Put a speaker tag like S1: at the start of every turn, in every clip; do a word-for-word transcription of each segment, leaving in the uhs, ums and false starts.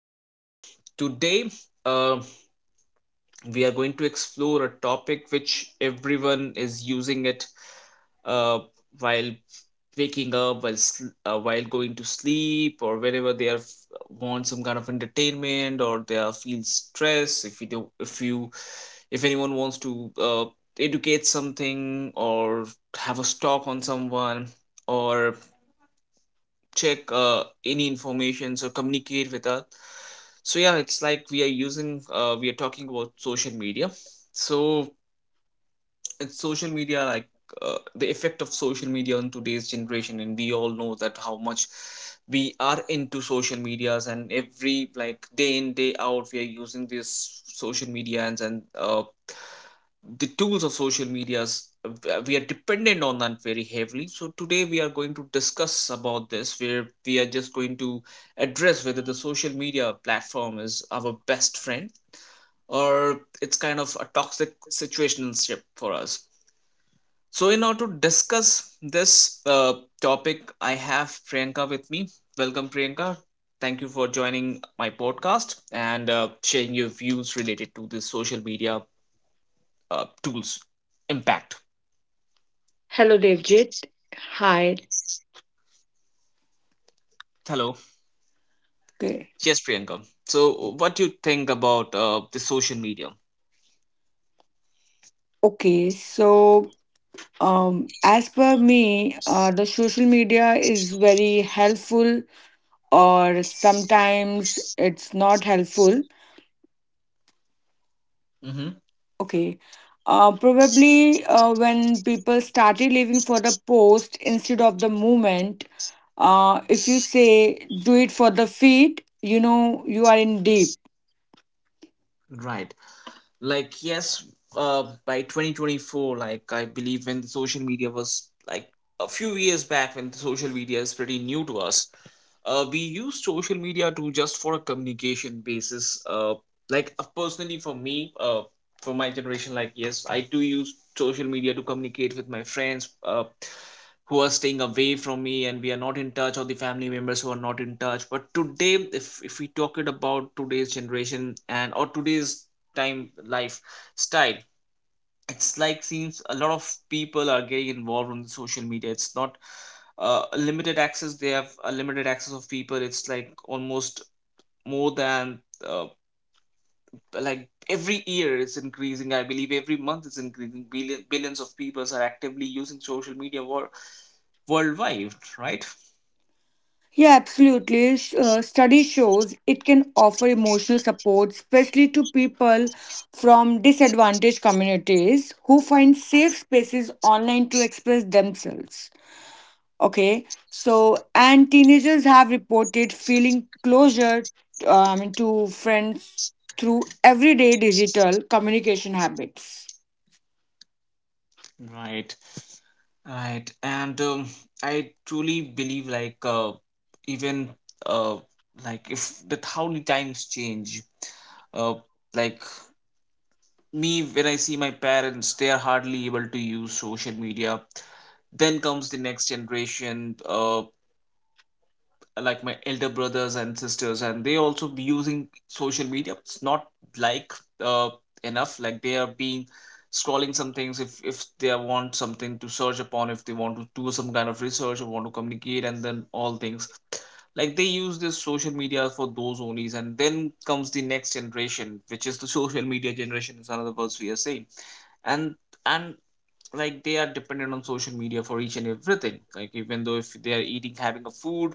S1: And today, uh, we are going to explore a topic which everyone is using it uh, while waking up, while sl- uh, while going to sleep, or whenever they are f- want some kind of entertainment, or they are feel stress. If you do, if you, if anyone wants to uh, educate something or have a stock on someone, or check uh, any information or communicate with us, so yeah, it's like we are using uh, we are talking about social media. So and social media, like uh, the effect of social media on today's generation, and we all know that how much we are into social medias, and every like day in day out we are using this social media, and, and uh, the tools of social medias, uh, we are dependent on that very heavily. So today we are going to discuss about this, where we are just going to address whether the social media platform is our best friend or it's kind of a toxic situationship for us. So, in order to discuss this uh, topic, I have Priyanka with me. Welcome, Priyanka. Thank you for joining my podcast and uh, sharing your views related to the social media uh, tools impact.
S2: Hello, Devjit. Hi.
S1: Hello.
S2: Okay.
S1: Yes, Priyanka. So, what do you think about uh, the social media?
S2: Okay. So, um, as per me, uh, the social media is very helpful, or sometimes it's not helpful.
S1: Mm-hmm.
S2: Okay. Uh, probably uh, when people started living for the post instead of the movement, uh, if you say do it for the feed, you know you are in deep.
S1: Right. Like, yes, uh, by twenty twenty-four, like I believe, when the social media was like a few years back, when the social media is pretty new to us, uh, we use social media to just for a communication basis, uh, like uh, personally for me, uh, for my generation, like yes, I do use social media to communicate with my friends uh, who are staying away from me, and we are not in touch, or the family members who are not in touch. But today, if, if we talk it about today's generation and or today's time lifestyle, it's like seems a lot of people are getting involved on the social media. It's not uh, limited access, they have a limited access of people. It's like almost more than, uh, like every year it's increasing, I believe every month it's increasing. Billion, billions of people are actively using social media wor- worldwide, right.
S2: Yeah, absolutely. Sh- Uh, study shows it can offer emotional support, especially to people from disadvantaged communities who find safe spaces online to express themselves. Okay, so and teenagers have reported feeling closure um, to friends through everyday digital communication habits.
S1: Right. Right. And um, I truly believe like uh, even, uh, like if that how the times change, uh, like me, when I see my parents, they are hardly able to use social media. Then comes the next generation. Uh, like my elder brothers and sisters, and they also be using social media. It's not like uh, enough, like they are being scrolling some things, if if they want something to search upon, if they want to do some kind of research or want to communicate, and then all things, like they use this social media for those only. And then comes the next generation, which is the social media generation, is another words we are saying. And and like they are dependent on social media for each and everything, like even though if they are eating having a food,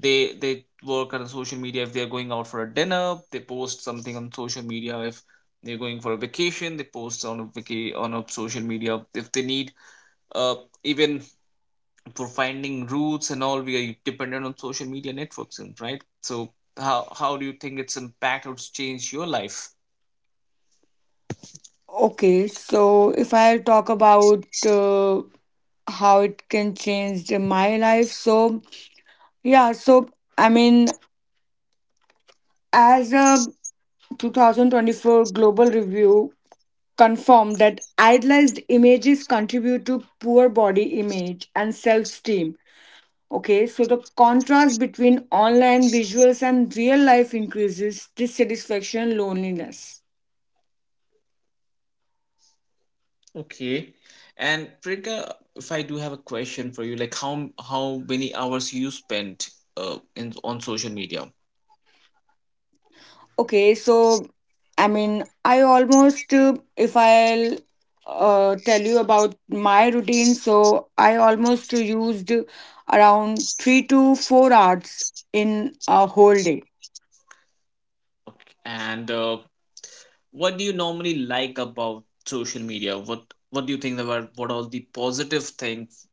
S1: they they work on social media, if they're going out for a dinner they post something on social media, if they're going for a vacation they post on a vaca- on a social media, if they need, uh even for finding routes and all, we are dependent on social media networks. And right, so how how do you think its impact, or it's changed your life?
S2: Okay, so if I talk about uh, how it can change the- my life, so yeah, so I mean, as a twenty twenty-four global review confirmed that idealized images contribute to poor body image and self esteem. Okay, so the contrast between online visuals and real life increases dissatisfaction, loneliness.
S1: Okay. And Priyanka, if I do have a question for you, like how how many hours you spent uh in on social media?
S2: Okay, so I mean, I almost, uh, if I'll uh, tell you about my routine, so I almost used around three to four hours in a whole day.
S1: Okay. And uh, what do you normally like about social media, what what do you think about, what are the positive things,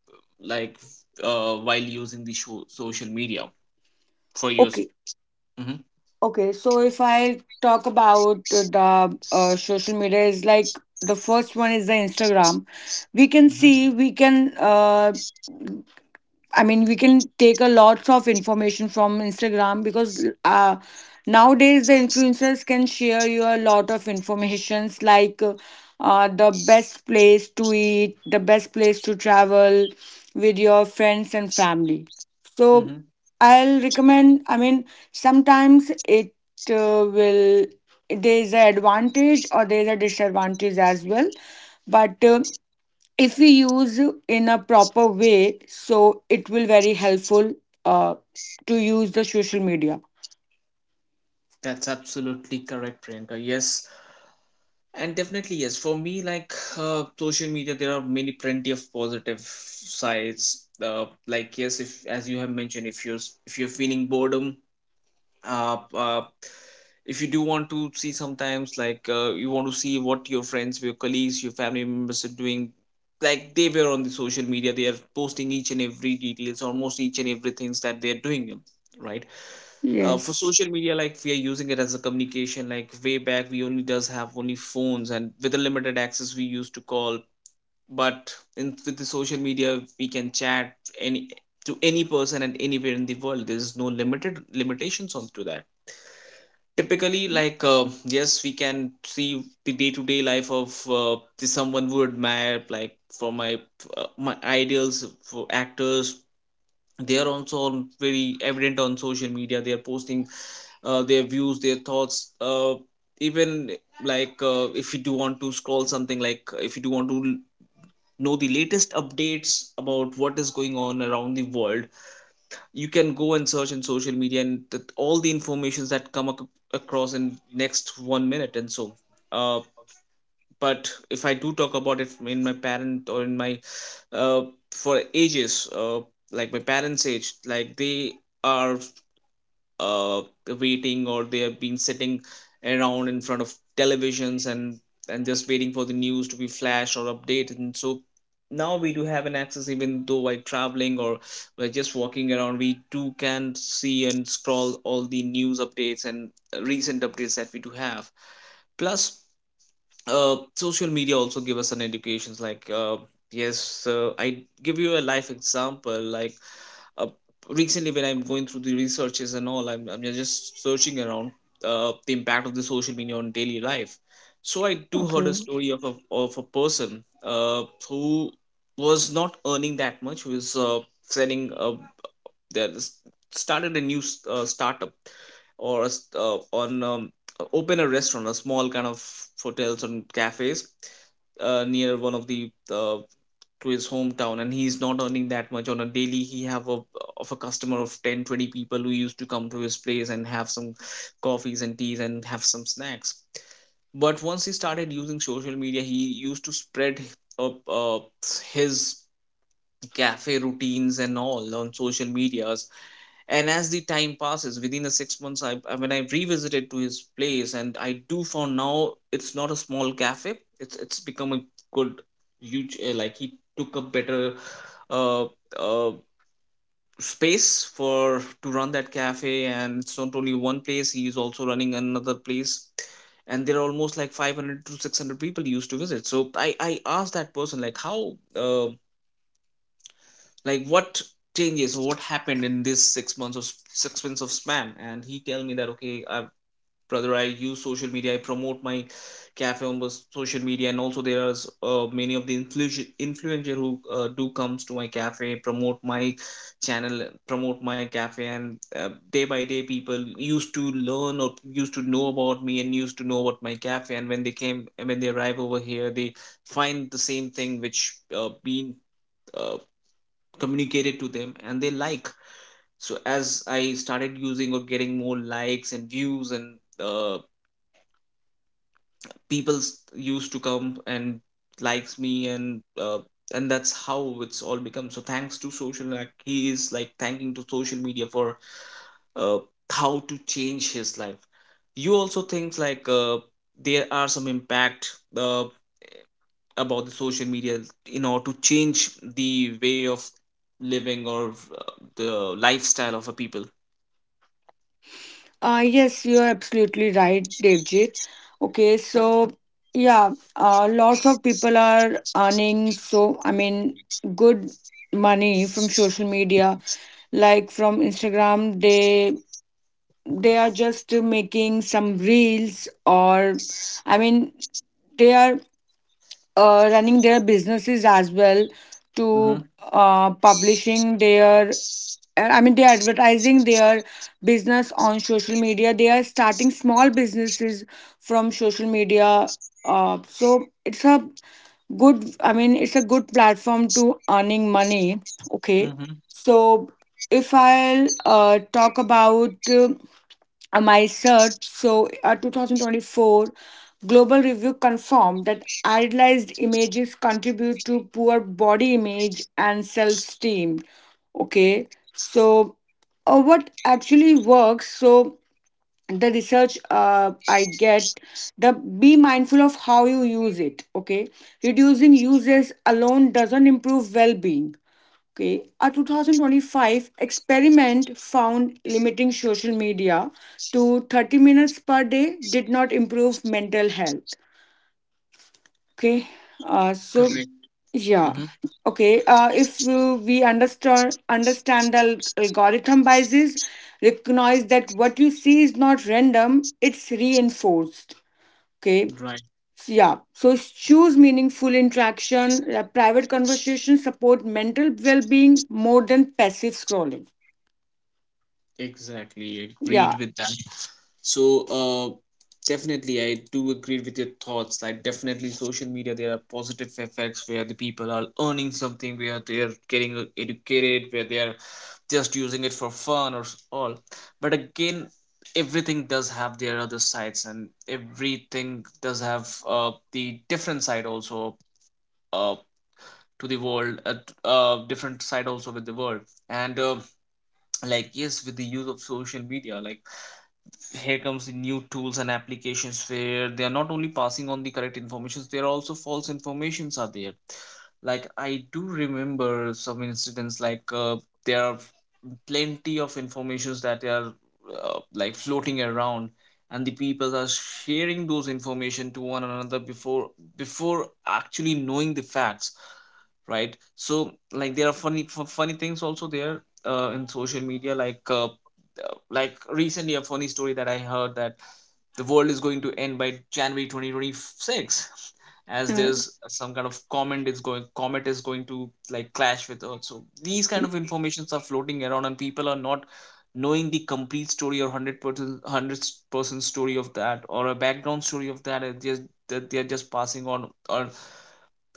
S1: like uh, while using the show, social media for use.
S2: Okay,
S1: Mm-hmm,
S2: okay, so if I talk about the uh, social media, is like the first one is the Instagram. We can
S1: mm-hmm,
S2: see, we can uh, I mean, we can take a lots of information from Instagram because uh, nowadays the influencers can share you a lot of informations like uh, the best place to eat, the best place to travel with your friends and family. So
S1: mm-hmm.
S2: I'll recommend. I mean, sometimes it uh, will there's an advantage or there's a disadvantage as well, but. Uh, if we use in a proper way so it will very helpful uh, to use the social media.
S1: That's absolutely correct, Priyanka, yes. And definitely yes for me, like, uh, social media, there are many plenty of positive sides, uh, like yes, if as you have mentioned, if you're s- if you're feeling boredom, uh, uh, if you do want to see sometimes, like uh, you want to see what your friends, your colleagues, your family members are doing, like they were on the social media, they are posting each and every details, almost each and every things that they're doing, right. uh, for
S2: Yes.
S1: social media, like we are using it as a communication, like way back we only does have only phones, and with a limited access we used to call. But in with the social media we can chat any to any person and anywhere in the world, there's no limited limitations on to that. Typically like uh, yes, we can see the day-to-day life of uh, the someone who admire, like for my uh, my ideals for actors. They are also on very evident on social media, they are posting uh, their views, their thoughts, uh, even, like uh, if you do want to scroll something, like if you do want to know the latest updates about what is going on around the world, you can go and search in social media, and th- all the informations that come ac- across in next one minute and so, uh, but if I do talk about it in my parent or in my, uh, for ages, uh, like my parents age, like they are uh waiting, or they have been sitting around in front of televisions, and and just waiting for the news to be flashed or updated. And so now we do have an access, even though while traveling or by just walking around, we too can see and scroll all the news updates and recent updates that we do have. Plus uh, social media also give us an educations, like uh, yes, uh, I give you a life example, like uh, recently when I'm going through the researches and all, i'm, I'm just searching around uh, the impact of the social media on daily life. So I do heard a
S2: Okay.
S1: story of a, of a person, uh, who was not earning that much, who is uh, selling, uh, that started a new s- uh, startup, or a s- uh, on um, uh, open a restaurant, a small kind of hotels and cafes uh, near one of the, uh, to his hometown. And he's not earning that much on a daily, he have a of a customer of ten twenty people who used to come to his place and have some coffees and teas and have some snacks. But once he started using social media, he used to spread up uh, his cafe routines and all on social medias. And as the time passes, within the six months, I, I when I revisited to his place, and I do found now it's not a small cafe, it's it's become a good huge, uh, like he took a better, uh, uh, space for to run that cafe. And it's not only one place, he is also running another place, and there are almost like five hundred to six hundred people used to visit. So i i asked that person, like how, uh, like what changes or what happened in this six months of six months of span. And he tell me that, okay, I, brother, I use social media, I promote my cafe on those social media. And also there are uh, many of the influ- influencer who uh, do comes to my cafe, promote my channel, promote my cafe. And uh, day by day people used to learn or used to know about me and used to know about my cafe, and when they came, when they arrive over here, they find the same thing which uh, been uh, communicated to them, and they like. So as I started using or getting more likes and views, and uh, people s- used to come and likes me, and uh, and that's how it's all become. So thanks to social, like he is like thanking to social media for uh, how to change his life. You also think like uh, there are some impact uh, about the social media in order to change the way of living, or uh, the lifestyle of a people.
S2: Uh, yes, you are absolutely right, Devjit. Okay, so yeah, uh, lots of people are earning so, I mean, good money from social media, like from Instagram. They they are just making some reels, or I mean, they are uh, running their businesses as well
S1: Mm-hmm.
S2: to uh, publishing their uh, I mean, they're advertising their business on social media. They are starting small businesses from social media. Uh, so it's a good, I mean, it's a good platform to earning money. Okay.
S1: Mm-hmm.
S2: So if I'll uh, talk about uh, my search, so uh, twenty twenty-four global review confirmed that idealized images contribute to poor body image and self esteem. Okay, so uh, what actually works? So, the research uh, I get the be mindful of how you use it. Okay, reducing uses alone doesn't improve well being. Okay, a twenty twenty-five experiment found limiting social media to thirty minutes per day did not improve mental health. Okay. Uh, so
S1: Correct.
S2: yeah.
S1: Mm-hmm.
S2: Okay. Uh, if uh, we understand understand the al- algorithm biases, recognize that what you see is not random; it's reinforced. Okay.
S1: Right.
S2: So, yeah. So choose meaningful interaction. Uh, private conversations support mental well-being more than passive scrolling.
S1: Exactly. Agreed
S2: Yeah.
S1: with that. So, uh, definitely, I do agree with your thoughts. Like, definitely, social media, there are positive effects where the people are earning something, where they're getting uh, educated, where they're just using it for fun, or s- all. But again, everything does have their other sides, and everything does have uh, the different side also, uh, to the world, uh, t- uh, different side also with the world. And uh, like yes with the use of social media, like here comes the new tools and applications where they are not only passing on the correct informations, there are also false informations are there. Like I do remember some incidents like uh, there are plenty of informations that are uh, like floating around, and the people are sharing those information to one another before before actually knowing the facts, right? So like there are funny f- funny things also there uh, in social media like uh, uh, like recently a funny story that I heard, that the world is going to end by January two thousand twenty-six, as
S2: Uh,
S1: there's some kind of comet is going comet is going to like clash with earth. So these kind of informations are floating around, and people are not knowing the complete story, or a hundred percent a hundred percent story of that, or a background story of that, and just that they're just passing on or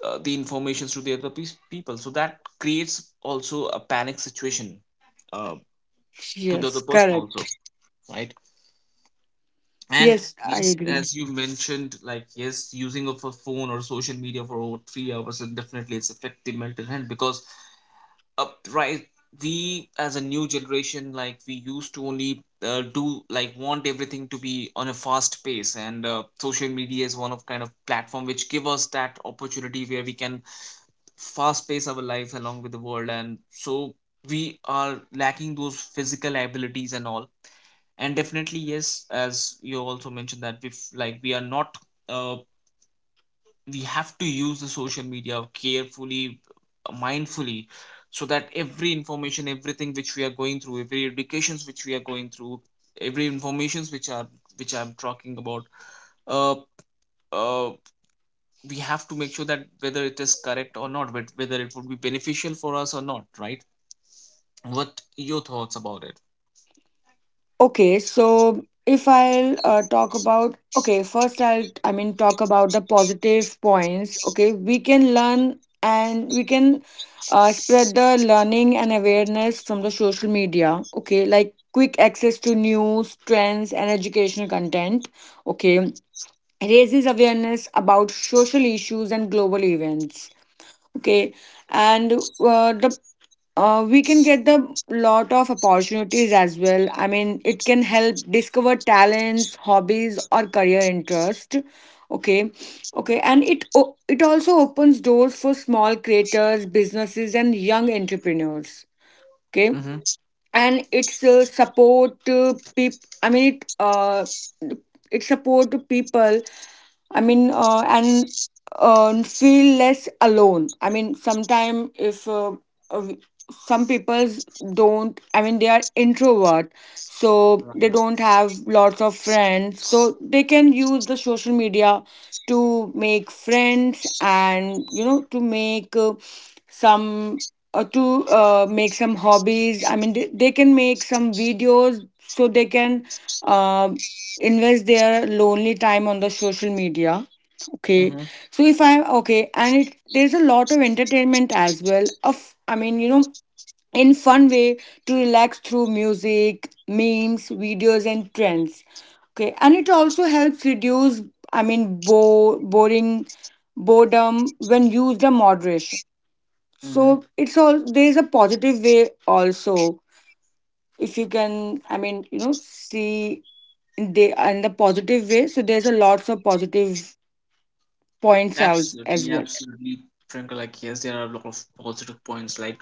S1: uh, the informations to the other peo- people, so that creates also a panic situation uh, to the other
S2: yes.
S1: person also,
S2: Correct.
S1: right? And
S2: Yes, I
S1: yes,
S2: agree.
S1: as you mentioned, like yes, using of a phone or social media for over three hours, and definitely it's affecting mental health because upright we as a new generation, like we used to only uh, do, like want everything to be on a fast pace, and uh, social media is one of kind of platform which give us that opportunity where we can fast pace our lives along with the world, and so we are lacking those physical abilities and all. And definitely yes, as you also mentioned, that if like we are not uh, we have to use the social media carefully, mindfully, so that every information, everything which we are going through, every educations which we are going through, every informations which are, which I'm talking about, uh, uh, we have to make sure that whether it is correct or not, but whether it would be beneficial for us or not, right? What your thoughts about it?
S2: Okay, so if I'll uh, talk about, okay, first I'll, I mean, talk about the positive points. Okay, we can learn and we can uh, spread the learning and awareness from the social media. Okay, like quick access to news, trends, and educational content. Okay, raises awareness about social issues and global events. Okay, and uh, the uh, we can get the lot of opportunities as well. I mean, it can help discover talents, hobbies, or career interest. Okay. okay and it o- it also opens doors for small creators, businesses, and young entrepreneurs. Okay,
S1: Mm-hmm.
S2: and it's uh, support uh, peop- I mean, it uh, it support people, I mean, uh, and uh, feel less alone. I mean, sometime if uh, uh, we- some people's don't, I mean, they are introvert, so they
S1: Right.
S2: don't have lots of friends, so they can use the social media to make friends and you know to make uh, some uh, to uh, make some hobbies. I mean, they, they can make some videos so they can uh, invest their lonely time on the social media. Okay,
S1: Mm-hmm.
S2: so if I'm okay, and it, there's a lot of entertainment as well. Of I mean, you know, in fun way to relax through music, memes, videos, and trends. Okay, and it also helps reduce. I mean, bo- boring boredom when used in moderation,
S1: Mm-hmm.
S2: so it's all there's a positive way also. If you can, I mean, you know, see in the in the positive way. So there's a lots of positive points out as
S1: Absolutely,
S2: well.
S1: absolutely, Priyanka. Like, yes, there are a lot of positive points. Like,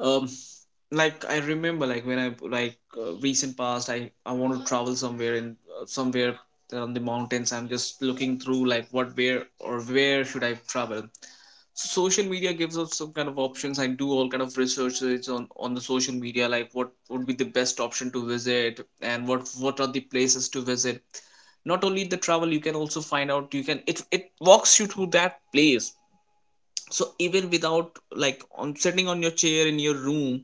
S1: um, like I remember, like when I like uh, recent past, i i want to travel somewhere in uh, somewhere on the mountains, I'm just looking through like what, where, or where should I travel, so social media gives us some kind of options. I do all kind of researches on on the social media, like what would be the best option to visit, and what what are the places to visit. Not only the travel, you can also find out, you can it it walks you to that place, so even without, like on sitting on your chair in your room,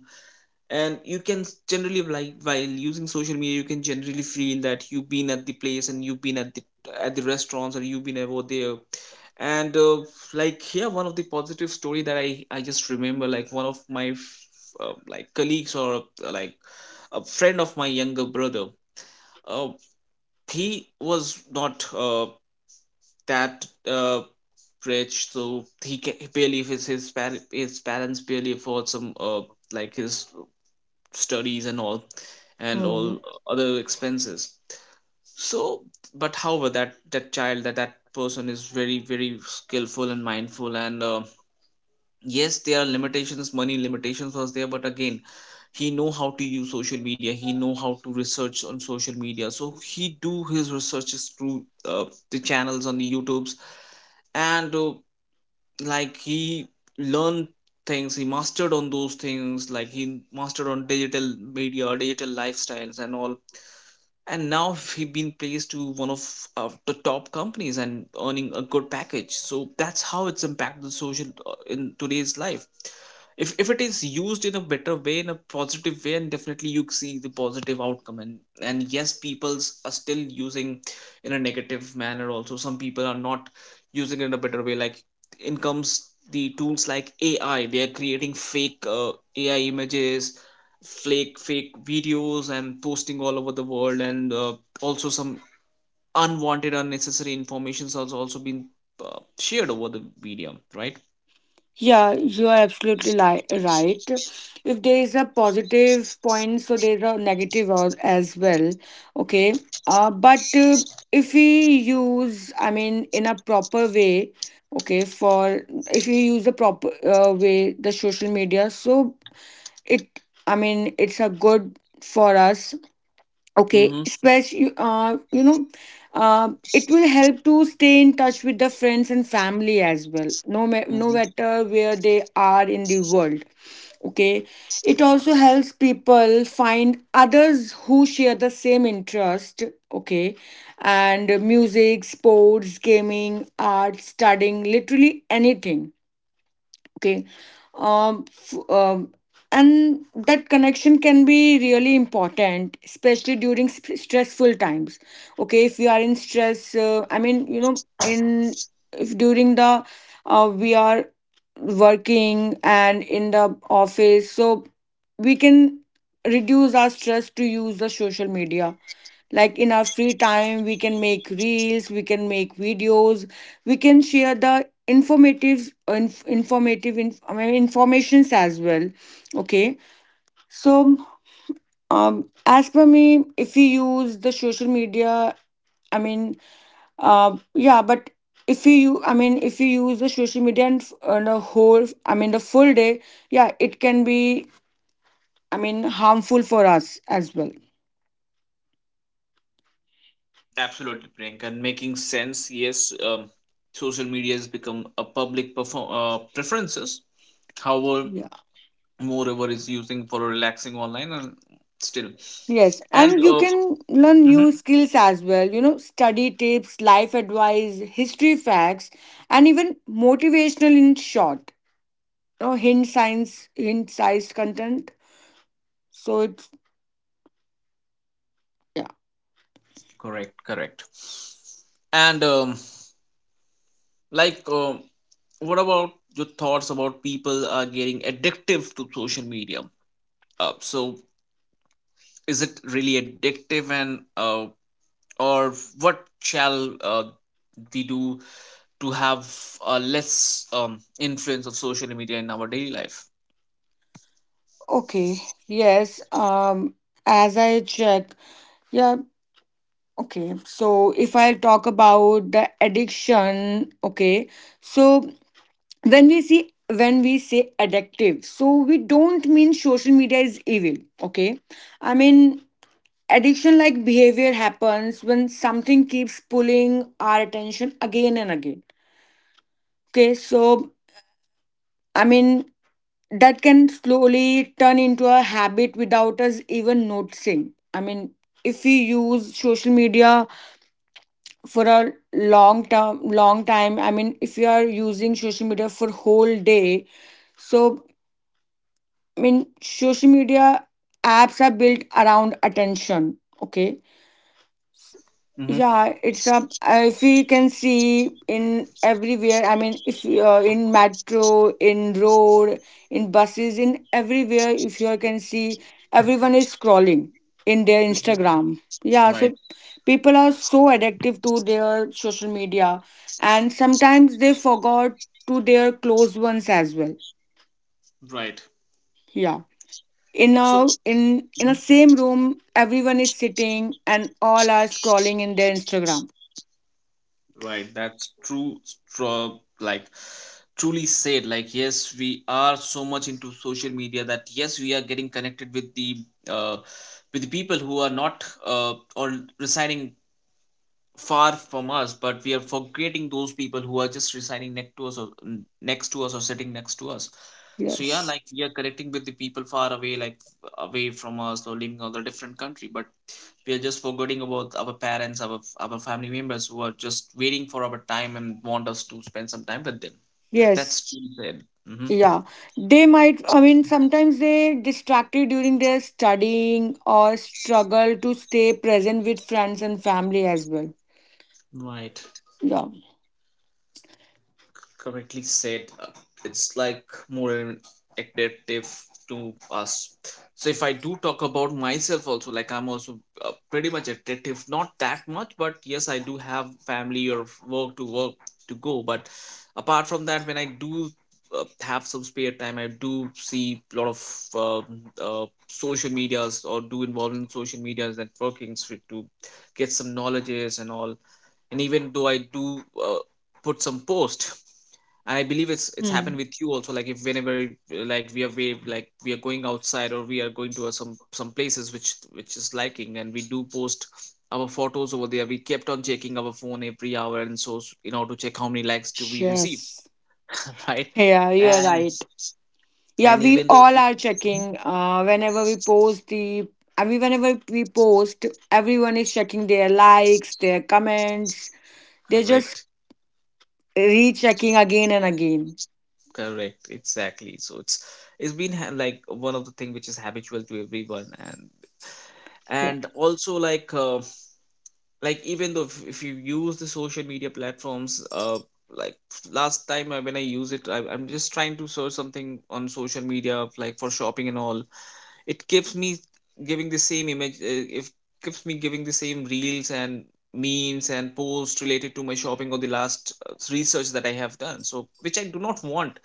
S1: and you can s- generally, like while using social media, you can generally feel that you've been at the place, and you've been at the at the restaurants, or you've been over there. And uh, like here one of the positive story that i i just remember, like one of my f- uh, like colleagues or uh, like a friend of my younger brother, uh, he was not uh, that uh, rich, so he, ca- he barely his his, par- his parents barely afford some uh, like his studies and all, and
S2: Hmm.
S1: all other expenses, so. But however, that that child that that person is very very skillful and mindful, and uh, yes, there are limitations, money limitations was there, but again, he know how to use social media, he know how to research on social media, so he do his researches through uh, the channels on the youtubes. And uh, like he learned things, he mastered on those things, like he mastered on digital media, digital lifestyles and all. And now he been placed to one of uh, the top companies and earning a good package, so that's how it's impacted the social uh, in today's life, if, if it is used in a better way, in a positive way, and definitely you see the positive outcome. And and yes people's are still using in a negative manner also, some people are not using it in a better way, like in comes the tools like A I. They are creating fake uh, A I images, fake fake videos, and posting all over the world. And uh, also some unwanted, unnecessary informations has also been uh, shared over the medium, right?
S2: Yeah, you are absolutely li right. If there is a positive point, so there's a negative al- as well. Okay. Uh, but uh, if we use, I mean, in a proper way, okay, for if you use a proper uh, way, the social media, so it, I mean it's a good for us. Okay,
S1: Mm-hmm.
S2: especially uh, you know, uh, it will help to stay in touch with the friends and family as well, no ma- no
S1: Mm-hmm.
S2: matter where they are in the world. Okay, it also helps people find others who share the same interest. Okay, and music, sports, gaming, art, studying, literally anything. Okay. um, f- um and that connection can be really important, especially during sp- stressful times. Okay, if we are in stress, uh, I mean, you know, in if during the uh, we are working and in the office, so we can reduce our stress to use the social media, like in our free time, we can make reels, we can make videos, we can share the informative, inf- informative inf- I mean, informations as well. Okay, so um, as per me, if we use the social media, I mean, uh, yeah, but if you, u- I mean, if you use the social media and f- on a whole, I mean, the full day, yeah, it can be, I mean, harmful for us as well.
S1: Absolutely, Priyanka. And making sense, yes. Um, social media has become a public perform uh, preferences. However,
S2: Yeah.
S1: moreover is using for relaxing online and still
S2: Yes,
S1: and
S2: and you
S1: uh,
S2: can learn
S1: mhm.
S2: new skills as well, you know, study tips, life advice, history facts, and even motivational in short, you know, hint science, hint size content. So it's, yeah,
S1: Correct, correct. And um, like, um, what about your thoughts about people are getting addictive to social media? Uh, so, is it really addictive, and uh, or what shall uh, we do to have uh, less um, influence of social media in our daily life?
S2: okay, yes, um, as I check, yeah, okay, so if I talk about the addiction, okay, so when we see when we say addictive, so we don't mean social media is evil. Okay, I mean, addiction like behavior happens when something keeps pulling our attention again and again. Okay, so I mean, that can slowly turn into a habit without us even noticing. I mean, if we use social media for a long term long time, I mean, if you are using social media for whole day, so I mean, social media apps are built around attention. Okay.
S1: Hmm.
S2: Yeah, it's a. If we can see in everywhere, I mean, if you uh, in metro, in road, in buses, in everywhere, if you can see, everyone is scrolling in their Instagram. Yeah,
S1: Right.
S2: so people are so addictive to their social media, and sometimes they forgot to their close ones as well.
S1: Right.
S2: Yeah. In
S1: So.
S2: a in in a same room everyone is sitting and all are scrolling in their Instagram.
S1: Right, that's true. Stru- like truly said. Like yes, we are so much into social media, that yes, we are getting connected with the uh, with the people who are not uh, or residing far from us, but we are forgetting those people who are just residing next to us, or n- next to us, or sitting next to us. So yeah,
S2: Yes.
S1: like we are connecting with the people far away, like away from us or living on a different country, but we are just forgetting about our parents, our our family members who are just waiting for our time and want us to spend some time with them. That- that's
S2: Yes.
S1: true said. Hmm.
S2: Yeah, they might, I mean, sometimes they distracted during their studying or struggle to stay present with friends and family as well.
S1: Right.
S2: Yeah.
S1: Correctly said, uh, it's like more an adaptive to us. So if I do talk about myself also, like I'm also uh, pretty much adaptive, not that much, but yes, I do have family or work to work to go, but apart from that, when I do uh, have some spare time, I do see a lot of um, uh, social medias, or do involve in social medias and workings to to get some knowledges and all. And even though I do uh, put some post, I believe it's it's
S2: Hmm.
S1: happened with you also. Like if whenever uh, like we are we like we are going outside, or we are going to uh, some some places which which is liking, and we do post our photos over there. We kept on checking our phone every hour and so s- in order to check how many likes do we receive,
S2: Yes.
S1: right?
S2: Yeah, you're
S1: And
S2: right. Yeah,
S1: and
S2: we
S1: even though
S2: all
S1: we,
S2: are
S1: Mhm.
S2: checking uh whenever we post the, I mean, whenever we post, everyone is checking their likes, their comments, they're just
S1: Correct,
S2: rechecking again and again.
S1: correct, exactly, so it's it's been ha- like one of the thing which is habitual to everyone. And
S2: Yeah.
S1: and also like uh, like even though if, if you use the social media platforms uh like last time I, when I use it, I, i'm just trying to search something on social media, like for shopping and all. It keeps me giving the same image, uh, if keeps me giving the same reels and memes and posts related to my shopping, or the last uh, research that I have done, so which I do not want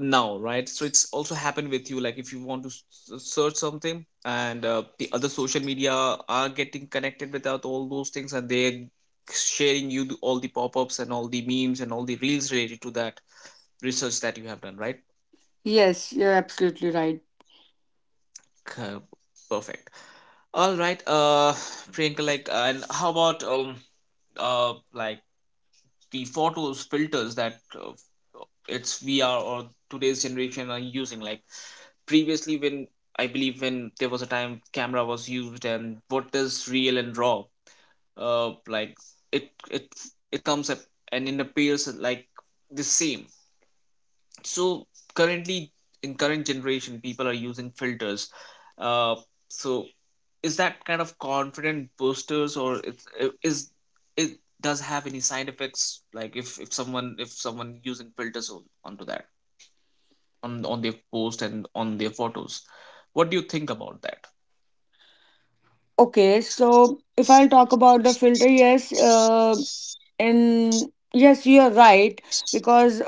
S1: now, right? So it's also happened with you, like if you want to s- s- search something, and uh, the other social media are getting connected without all those things, and they're sharing you the, all the pop-ups and all the memes and all the reels related to that research that you have done, right?
S2: Yes, you're absolutely right.
S1: Okay, perfect. All right, uh, Priyanka, like, and how about um, uh, like the photos filters that uh, it's V R or today's generation are using? Like previously, when I believe when there was a time camera was used, and what is real and raw? Uh, like it it it comes up and it appears like the same. So currently, in current generation, people are using filters. Uh, so is that kind of confident boosters, or it's, is, it does have any side effects, like if if someone if someone using filters on, onto that, on on their post and on their photos, what do you think about that?
S2: Okay, so if I'll talk about the filter, yes, uh, and yes you are right, because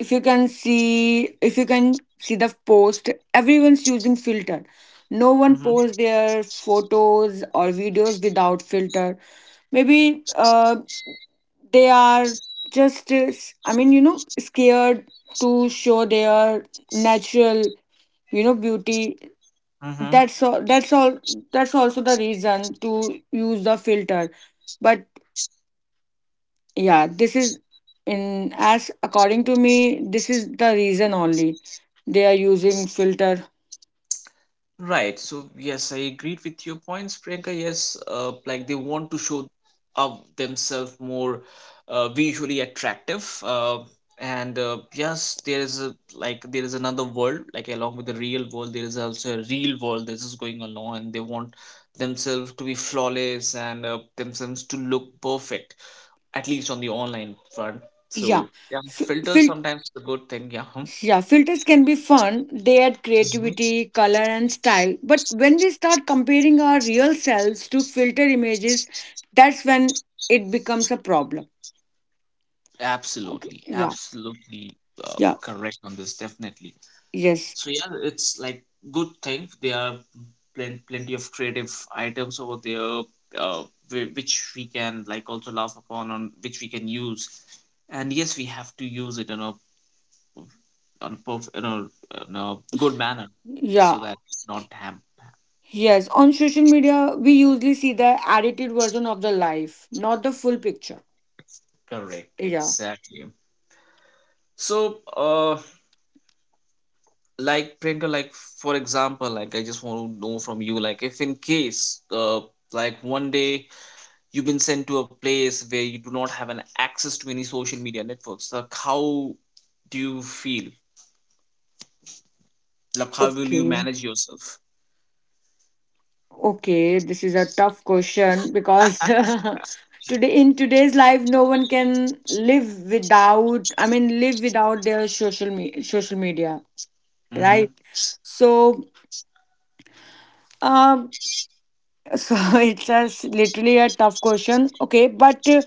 S2: if you can see, if you can see the post everyone's using filter. No one posts their photos or videos without filter. Maybe uh, they are just uh, s- I mean, you know, scared to show their natural, you know, beauty.
S1: Mm-hmm.
S2: That's all that's all, that's also the reason to use the filter. But yeah, this is in, as according to me, this is the reason only they are using filter.
S1: Right. So yes, I agreed with your points, Priyanka. Yes, uh, like they want to show up themselves more uh, visually attractive. Uh, and uh, yes, there is a like there is another world, like along with the real world, there is also a real world that is going along, and they want themselves to be flawless and uh, themselves to look perfect, at least on the online front. So
S2: Yeah.
S1: yeah,
S2: F-
S1: filters
S2: fil-
S1: sometimes is a good thing. Yeah. Hmm?
S2: yeah, filters can be fun, they add
S1: Mm-hmm.
S2: creativity, color, and style, but when we start comparing our real selves to filter images, that's when it becomes a problem. Okay.
S1: Absolutely,
S2: Yeah.
S1: absolutely uh,
S2: Yeah.
S1: correct on this, definitely.
S2: Yes.
S1: So yeah, it's like good thing, there are plen- plenty of creative items over there, uh, whi- which we can like also laugh upon on, which we can use. And yes, we have to use it in a on a perf- in a, in a good manner, so
S2: Yeah.
S1: that it's not ham.
S2: Yes, on social media we usually see the edited version of the life, not the full picture.
S1: Correct,
S2: Yeah.
S1: exactly. So, uh, like Priyanka, like for example, like I just want to know from you, like if in case, uh, like one day you've been sent to a place where you do not have an access to any social media networks, like how do you feel? Like how will you
S2: Okay.
S1: manage yourself?
S2: Okay, this is a tough question because today in today's life, no one can live without. I mean, live without their social me- social media, right?
S1: Mm-hmm.
S2: So, um, so it's a, s- literally a tough question. Okay, but uh,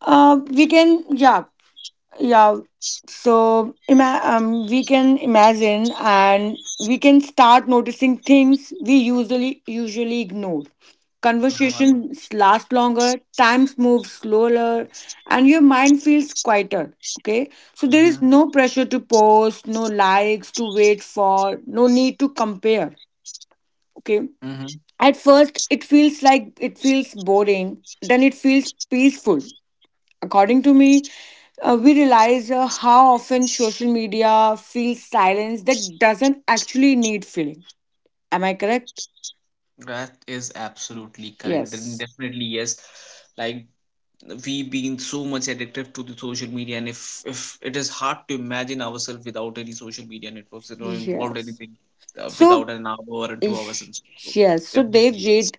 S2: uh, we can, yeah. Yeah, so ima- um, we can imagine and we can start noticing things we usually usually ignore. Conversations last longer, times move slower, and your mind feels quieter. Okay, so there
S1: Mm-hmm.
S2: is no pressure to post, no likes to wait for, no need to compare. Okay,
S1: Mm-hmm.
S2: at first it feels like it feels boring, then it feels peaceful. According to me, uh, we realize uh, how often social media feels silence that doesn't actually need feeling. Am I correct?
S1: That is absolutely correct. Then
S2: Yes.
S1: definitely yes. Like we being so much addictive to the social media, and if if it is hard to imagine ourselves without any social media networks, that don't involve
S2: Yes.
S1: anything uh,
S2: So,
S1: without an hour or two hours
S2: ish-
S1: and so on.
S2: yes. So, Dev
S1: Definitely yes.
S2: Jade,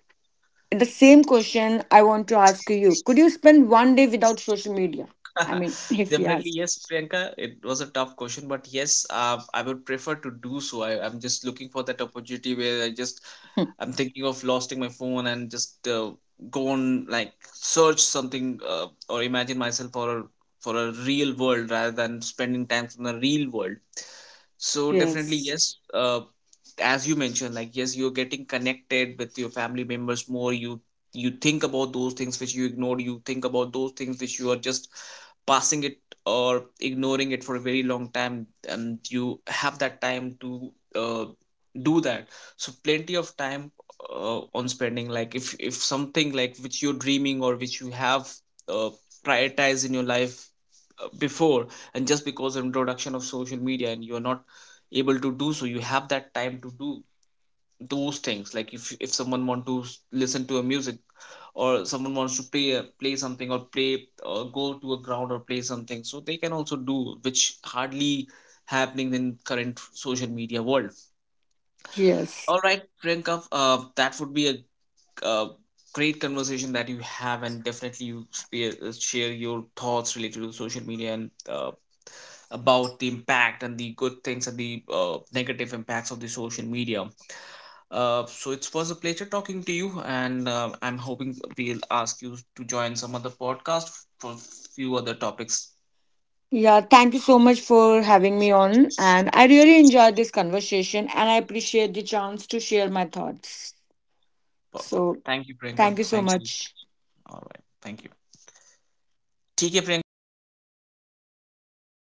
S2: the same question I want to ask you. Could you spend one day without social media? I mean, if
S1: Definitely
S2: yes.
S1: yes, Priyanka. It was a tough question, but yes, uh, I would prefer to do so. I, I'm just looking for that opportunity where i just i'm thinking of losing my phone and just uh, go on like search something, uh, or imagine myself for a for a real world rather than spending time in the real world. So definitely
S2: yes.
S1: yes. Uh, as you mentioned, like yes, you're getting connected with your family members more. You you think about those things which you ignored. You think about those things which you are just passing it or ignoring it for a very long time, and you have that time to uh, do that. So plenty of time uh, on spending, like if if something, like which you're dreaming, or which you have uh, prioritized in your life uh, before, and just because of introduction of social media, and you're not able to do so, you have that time to do those things. Like if if someone want to s- listen to a music, or someone wants to play a, play something, or play or go to a ground or play something, so they can also do, which hardly happening in current social media world.
S2: Yes.
S1: All right, Priyanka, uh, that would be a uh, great conversation that you have, and definitely you spare, uh, share your thoughts related to social media, and uh, about the impact and the good things and the uh, negative impacts of the social media. Uh, so it was a pleasure talking to you, and uh, I'm hoping we'll ask you to join some other podcast for few other topics.
S2: Yeah, thank you so much for having me on. And I really enjoyed this conversation and I appreciate the chance to share my thoughts.
S1: Perfect.
S2: So
S1: Thank you, Priyanka.
S2: thank you so
S1: Thank you.
S2: much.
S1: All right. Thank you. ठीक है, Priyanka. Okay, देखो तो
S2: Okay.
S1: Starting